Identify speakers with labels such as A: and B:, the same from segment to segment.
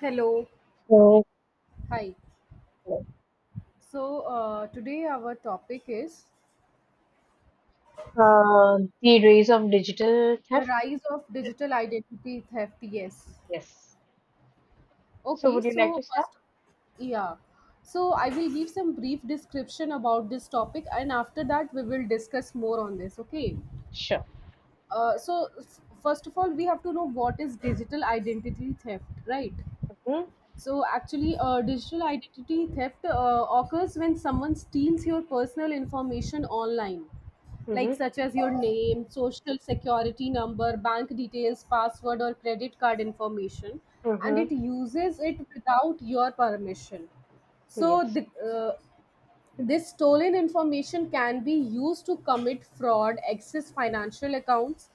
A: Hello,
B: Okay.
A: hi. So, today our topic is
B: The rise of digital
A: the
B: theft.
A: rise of digital identity theft. Yes.
B: Yes. So,
A: Okay,
B: would you like
A: so
B: to start?
A: first, yeah. So, I will give some brief description about this topic and after that, we will discuss more on this. Okay.
B: Sure.
A: First of all, we have to know what is digital identity theft, right?
B: Mm-hmm.
A: So actually, digital identity theft occurs when someone steals your personal information online, like
B: Mm-hmm.
A: such as your name, social security number, bank details, password, or credit card information, and it
B: Mm-hmm.
A: uses it without your permission. So
B: Yes.
A: the, uh, this stolen information can be used to commit fraud, access financial accounts,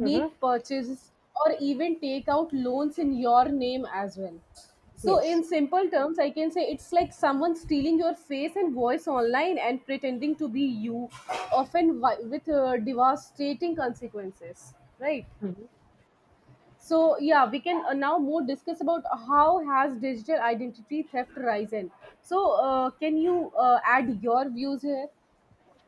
B: Mm-hmm.
A: purchases, or even take out loans in your name as well. So,
B: Yes.
A: in simple terms, I can say it's like someone stealing your face and voice online and pretending to be you, often with devastating consequences, right?
B: Mm-hmm.
A: So, yeah, we can now more discuss about how has digital identity theft risen. So, can you add your views here?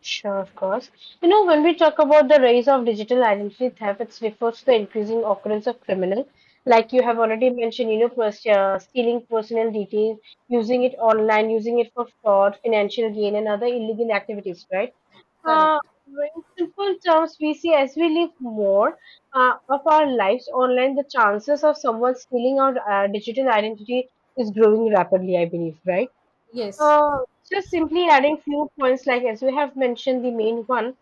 B: Sure, of course. You know, when we talk about the rise of digital identity theft, it refers to the increasing occurrence of criminal, like you have
A: Yeah,
B: already mentioned, stealing personal details, using it online, using it for fraud, financial gain, and other illegal activities, right? Uh,
A: correct.
B: in simple terms, we see as we live more of our lives online, the chances of someone stealing our digital identity is growing rapidly, I believe, right?
A: Yes.
B: Uh, just simply adding few points, like as we have mentioned, the main one,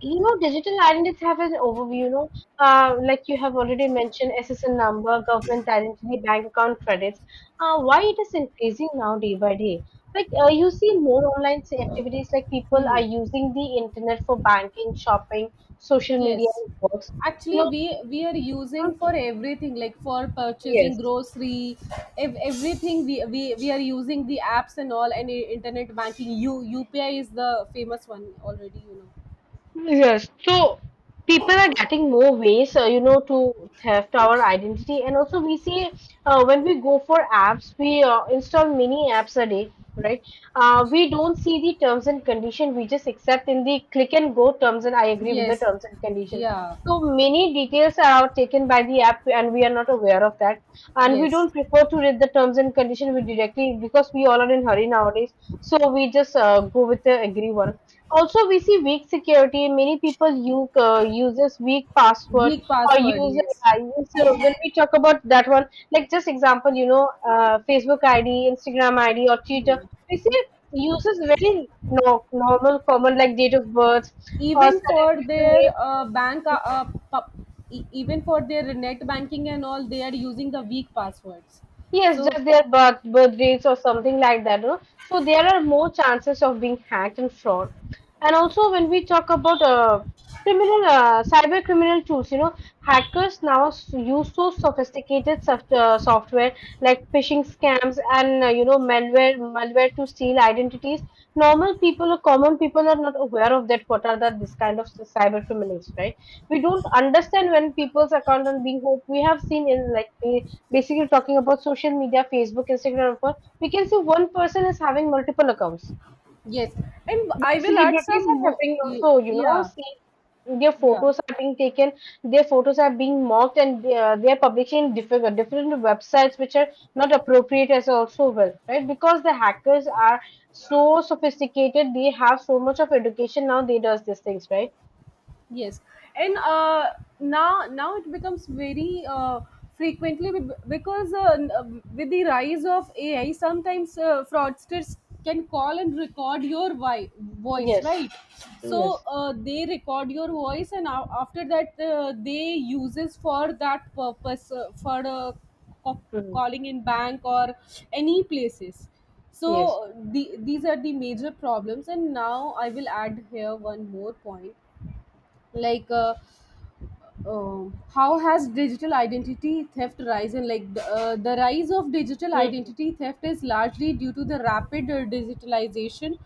B: you know, digital identities have an overview, you know, like you have already mentioned SSN number, government identity, bank account credits. Why it is increasing now day by day? Like you see more online activities, like people are
A: Hmm.
B: using the internet for banking, shopping, social media,
A: Yes.
B: and works.
A: Actually,
B: You know,
A: we are using
B: uh,
A: for everything, like for purchasing
B: yes.
A: grocery, ev- everything. We are using the apps and all, and internet banking. U UPI is the famous one already, you know.
B: Yes, so people are getting more ways, to theft our identity, and also we see when we go for apps, we install many apps a day, right? We don't see the terms and condition; we just accept in the click and go terms, and I agree with the
A: Yes.
B: terms and condition.
A: Yeah.
B: So many details are taken by the app, and we are not aware of that, and we
A: Yes.
B: don't prefer to read the terms and condition. We directly, because we all are in hurry nowadays, so we just go with the agree one. Also, we see weak security. Many people uses weak password
A: Weak
B: or
A: password.
B: use
A: Yes.
B: uh, use, uh, When we talk about that one, like just example, Facebook ID, Instagram ID, or Twitter. We see uses very no, normal, common like date of birth or
A: Even
B: certain
A: for
B: people
A: their
B: name.
A: even for their net banking and all, they are using the weak passwords.
B: Yes,
A: So.
B: just their birth dates or something like that. No? So there are more chances of being hacked and fraud. And also when we talk about cyber criminal tools, you know, hackers now use so sophisticated software like phishing scams and, malware to steal identities. Normal people or common people are not aware of that. What are that this kind of cyber criminals, right? We don't understand when people's account are being hacked. We have seen in, like, basically talking about social media, Facebook, Instagram, and all, we can see one person is having multiple accounts.
A: Yes, and I
B: That
A: will add
B: celebrities
A: some
B: are
A: more.
B: having also, you know,
A: Yeah,
B: see their
A: yeah.
B: photos are being taken, their photos are being mocked, and they are publishing different websites which are not appropriate as also well, right? Because the hackers are so sophisticated, they have so much of education now. They does these things, right?
A: Yes, and now it becomes very frequently because with the rise of AI, sometimes fraudsters can call and record your voice,
B: Yes,
A: right? So
B: yes.
A: they record your voice, and after that they uses for that purpose co-
B: Mhm.
A: calling in bank or any places. So
B: Yes.
A: the, these are the major problems, and now I will add here one more point like uh, how has digital identity theft risen, like the rise of digital
B: Mhm.
A: identity theft is largely due to the rapid digitalization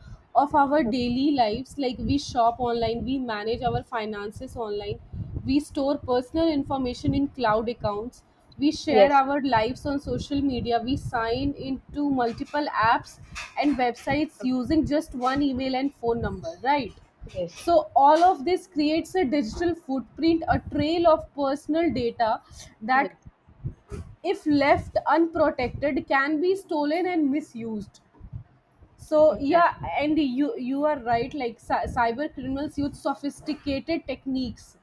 A: of our daily lives. Like we shop online, we manage our finances online, we store personal information in cloud accounts, we share
B: Yes.
A: our lives on social media, we sign into multiple apps and websites
B: Mhm.
A: using just one email and phone number, right?
B: Yes,
A: So all of this creates a digital footprint, a trail of personal data that,
B: yes,
A: if left unprotected, can be stolen and misused. So yeah,
B: exactly.
A: and you are right, like cyber criminals use sophisticated techniques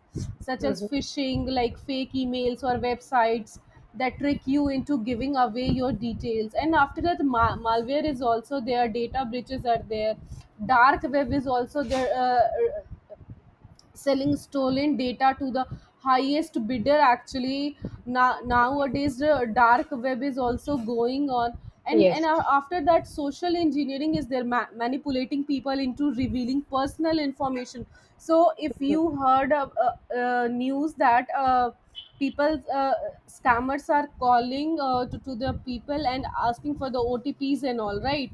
A: such as
B: Mhm.
A: phishing, like fake emails or websites that trick you into giving away your details. And after that, malware is also there, data breaches are there, dark web is also there, selling stolen data to the highest bidder actually. Now, nowadays the dark web is also going on. and and
B: Yes,
A: a- after that, social engineering is there, manipulating people into revealing personal information. So if
B: mm,
A: you heard of, news that people scammers are calling to the people and asking for the otps and all, right?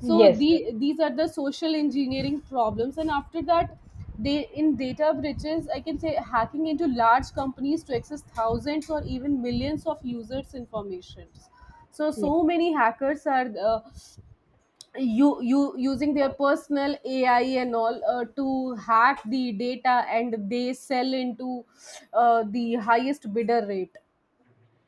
A: so
B: yes, yes,
A: the, these are the social engineering problems, and after that, they in data breaches, I can say, hacking into large companies to access thousands or even millions of users information. So
B: yes.
A: so many hackers are you you using their personal ai and all to hack the data and they sell into the highest bidder rate.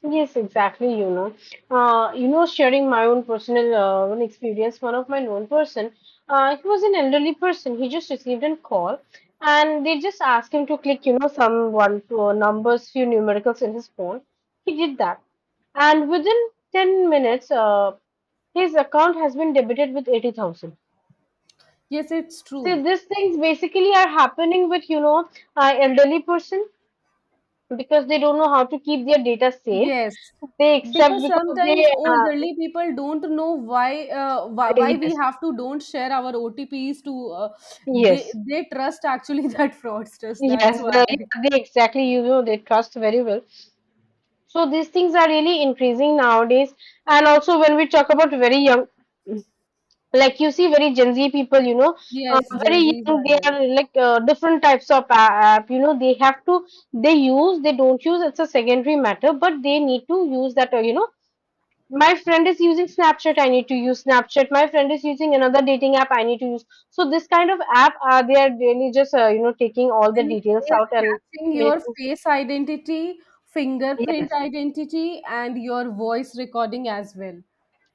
B: Yes, exactly. You know, sharing my own personal one experience. One of my known person, he was an elderly person. He just received a call, and they just asked him to click, you know, some 1 2 numbers, few numericals in his phone. He did that, and within 10 minutes, his account has been debited with 80,000.
A: Yes, it's true.
B: See, these things basically are happening with, elderly person, because they don't know how to keep their data safe.
A: Yes,
B: They accept
A: because
B: because
A: sometimes
B: they.
A: elderly people don't know why why we
B: Yes,
A: have to don't share our otps to
B: yes,
A: they trust actually that fraudsters, that's
B: yes.
A: why.
B: They exactly, you know, they trust very well. So these things are really increasing nowadays. And also when we talk about very young, like you see very Gen Z people, you know, uh,
A: Yes, gen
B: very
A: z's
B: young.
A: are
B: They
A: there.
B: are like different types of app. You know, they have to they use they don't use. It's a secondary matter, but they need to use that. You know, my friend is using Snapchat, I need to use Snapchat. My friend is using another dating app, I need to use, so this kind of app, they are really just taking all
A: They
B: the
A: they
B: details out
A: are
B: and
A: catching
B: many
A: your
B: things?
A: face identity, fingerprint
B: Yes.
A: identity, and your voice recording as well.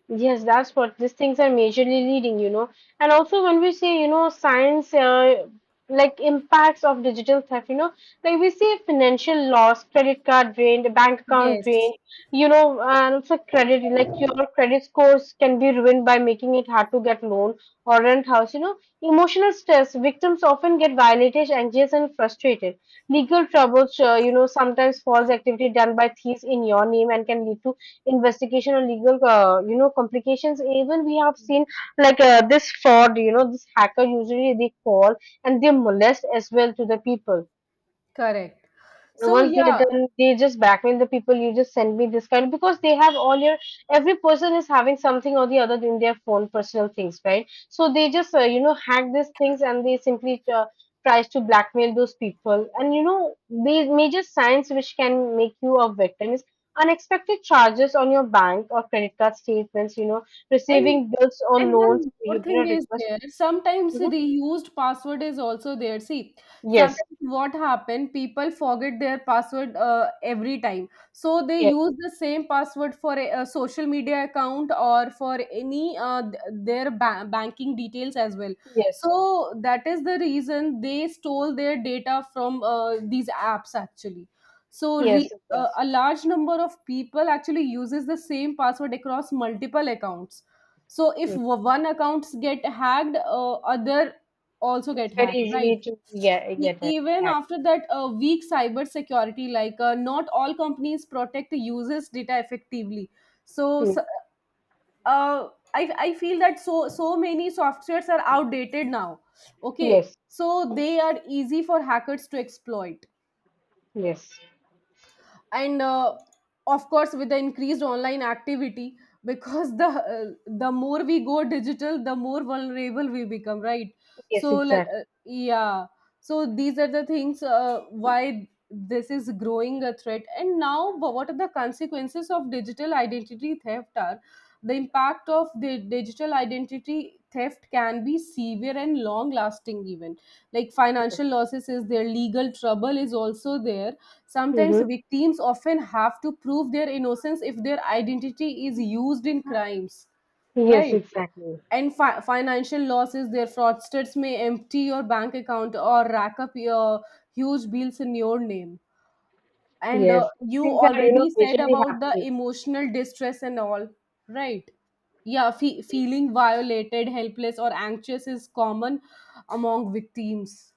B: Yes, that's what these things are majorly leading, you know. And also, when we say, you know, science, like impacts of digital theft, you know, like we see financial loss, credit card drained, bank account
A: Yes,
B: drained, you know, and also credit, like your credit scores can be ruined by making it hard to get loan or rent house, you know. Emotional stress, victims often get violated, anxious, and frustrated. Legal troubles, sometimes false activity done by thieves in your name and can lead to investigation or legal complications. Even we have seen, like this fraud, you know, this hacker usually they call and they molest as well to the people.
A: correct. So
B: Once they're
A: yeah.
B: done, they just blackmail the people. You just send me this kind, because they have all your, every person is having something or the other in their phone, personal things, right? So they just hack these things and they simply tries to blackmail those people. And you know the major signs which can make you a victim is unexpected charges on your bank or credit card statements. You know,
A: And
B: receiving bills or
A: and
B: loans
A: one more
B: you did
A: thing
B: not
A: is
B: request.
A: there. Sometimes
B: Mhm.
A: reused password is also there. See,
B: Yes,
A: sometimes what happen, people forget their password every time. So they
B: yes,
A: use the same password for a social media account or for any banking details as well.
B: yes,
A: So that is the reason they stole their data from these apps actually. So
B: yes, it does.
A: a large number of people actually uses the same password across multiple accounts, so if one accounts get hacked, other also
B: It's
A: get
B: very
A: hacked, right?
B: easily to get get hacked.
A: Even after that, weak cyber security, like not all companies protect the users data effectively. so s-
B: Mm.
A: uh, I, I feel that so so many softwares are outdated now, okay,
B: Yes,
A: so they are easy for hackers to exploit.
B: yes,
A: And of course, with the increased online activity because the more we go digital, the more vulnerable we become, right?
B: yes,
A: So
B: exactly.
A: yeah, so these are the things why this is growing a threat. And now what are the consequences of digital identity theft are, the impact of the digital identity theft can be severe and long lasting even. Like financial losses is there, legal trouble is also there, sometimes
B: Hmm.
A: victims often have to prove their innocence if their identity is used in crimes,
B: Yes,
A: right?
B: exactly.
A: And financial losses, their fraudsters may empty your bank account or rack up your huge bills in your name. And
B: Yes,
A: you
B: things are, you know,
A: already said
B: visually
A: about the
B: happening.
A: emotional distress and all, right? Yeah, feeling violated, helpless, or anxious is common among victims.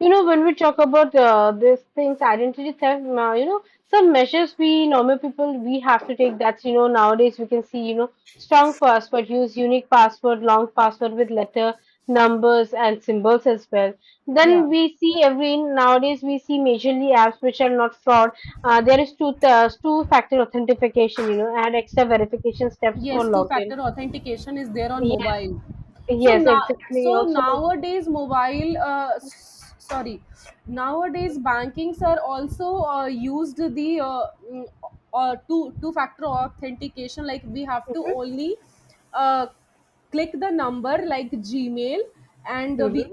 B: You know, when we talk about these things, identity theft, some measures we normal people we have to take. That's, you know, nowadays we can see, you know, strong password, use unique password, long password with letter, numbers and symbols as well.
A: Yeah.
B: Then we see every nowadays we see majorly apps which are not fraud. There is two factor authentication, you know, and extra verification steps for
A: Yes, two
B: login.
A: factor authentication is there on
B: Yes,
A: mobile. So
B: yes,
A: now,
B: exactly.
A: so
B: Also,
A: nowadays mobile sorry, nowadays bankings are also used the two factor authentication, like we have to
B: Mhm.
A: only uh, click the number, like gmail, and we,
B: Mhm.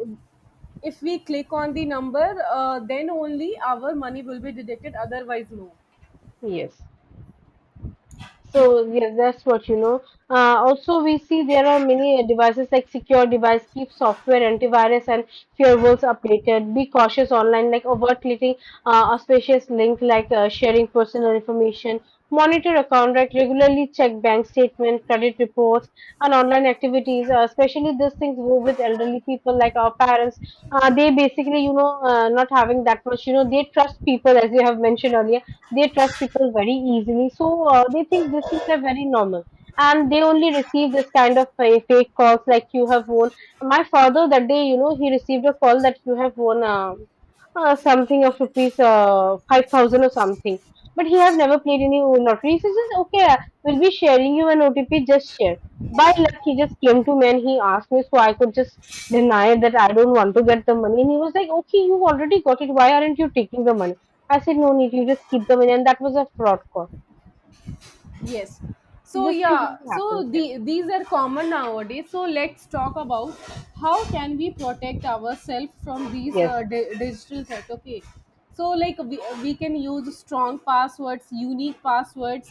A: if we click on the number then only our money will be deducted, otherwise no.
B: Yes. So yeah, that's what you know. Also, we see there are many devices like secure device, keep software, antivirus, and firewalls updated. Be cautious online, like over clicking auspicious link, like sharing personal information. Monitor account, right? Regularly check bank statement, credit reports, and online activities. Especially these things go with elderly people like our parents. They basically, you know, not having that much, you know, they trust people as you have mentioned earlier, they trust people very easily. So they think these things are very normal. And they only receive this kind of fake calls like you have won. My father that day, you know, he received a call that you have won something of rupees 5,000 or something. But he have never played any lottery. He says, okay, we'll be sharing you an OTP, just share. By luck, he just came to me and he asked me, so I could just deny that I don't want to get the money. And he was like, okay, you already got it. Why aren't you taking the money? I said, no need, you just keep them in. And that was a fraud call.
A: Yes. So
B: This things
A: yeah,
B: really happen
A: so
B: here.
A: the, these are common nowadays. So let's talk about how can we protect ourselves from these
B: Yes.
A: digital threats. Okay. So like we can use strong passwords, unique passwords,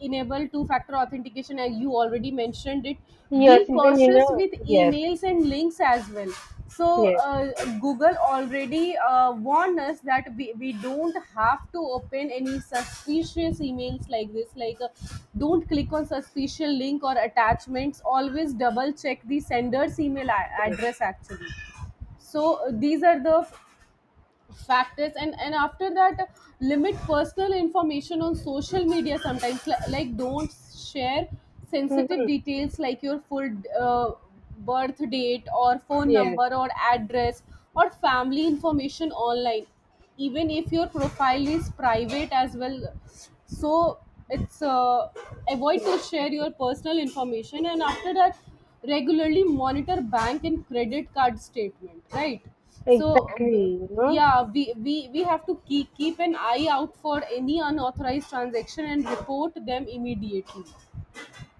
A: enable two-factor authentication as you already mentioned it.
B: Yes.
A: Be
B: Even, you
A: cautious
B: know,
A: with
B: yes.
A: emails and links as well. So
B: Yes.
A: google already warned us that we don't have to open any suspicious emails like this, like don't click on suspicious link or attachments, always double check the sender's email
B: Yes.
A: address actually. So these are the factors. And after that, limit personal information on social media. Sometimes like, don't share sensitive details like your full uh, birth date or phone
B: Yes.
A: number or address or family information online, even if your profile is private as well. So it's avoid
B: Yes.
A: to share
B: Yes.
A: your personal information. And after that, regularly monitor bank and credit card statement, right? So
B: Exactly.
A: w-
B: You know?
A: yeah, we have to keep an eye out for any unauthorized transaction and report them immediately.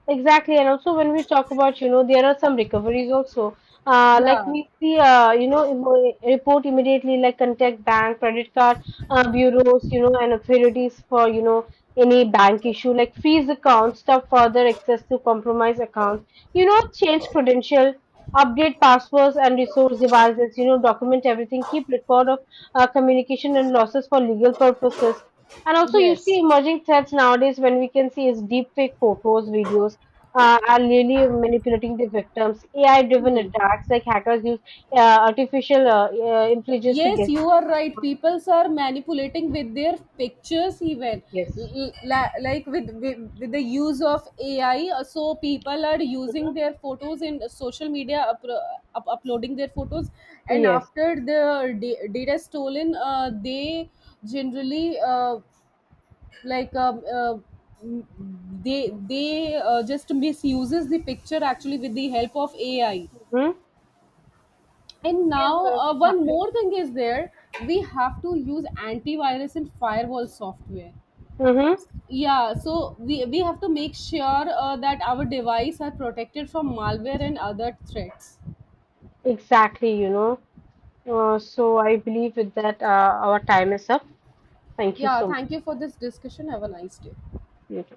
B: Exactly, and also when we talk about, you know, there are some recoveries also. Like
A: Yeah.
B: we see, report immediately, like contact bank, credit card bureaus, you know, and authorities for, you know, any bank issue, like freeze accounts, stop further access to compromised accounts, you know, change credential, update passwords and resource devices, you know, document everything, keep record of communication and losses for legal purposes. And also, you
A: Yes.
B: see emerging threats nowadays when we can see is deep fake photos, videos are really manipulating the victims. AI-driven
A: Hmm.
B: attacks, like hackers use artificial intelligence to
A: Yes,
B: guess.
A: you are right. People are manipulating with their pictures even,
B: Yes.
A: Like with, with the use of AI. So people are using
B: Hmm.
A: their photos in social media, uploading their photos, and
B: Yes.
A: after the data stolen, they generally like m- they just misuses the picture actually with the help of AI.
B: Hmm.
A: And
B: Yes,
A: now,
B: it's
A: one
B: happening.
A: more thing is there. We have to use antivirus and firewall software.
B: Mm-hmm.
A: Yeah, so we have to make sure that our device are protected from malware and other threats.
B: Exactly, you know. So I believe with that, our time is up. Thank you
A: Yeah,
B: so much.
A: thank you for this discussion. Have a nice day.
B: Yes.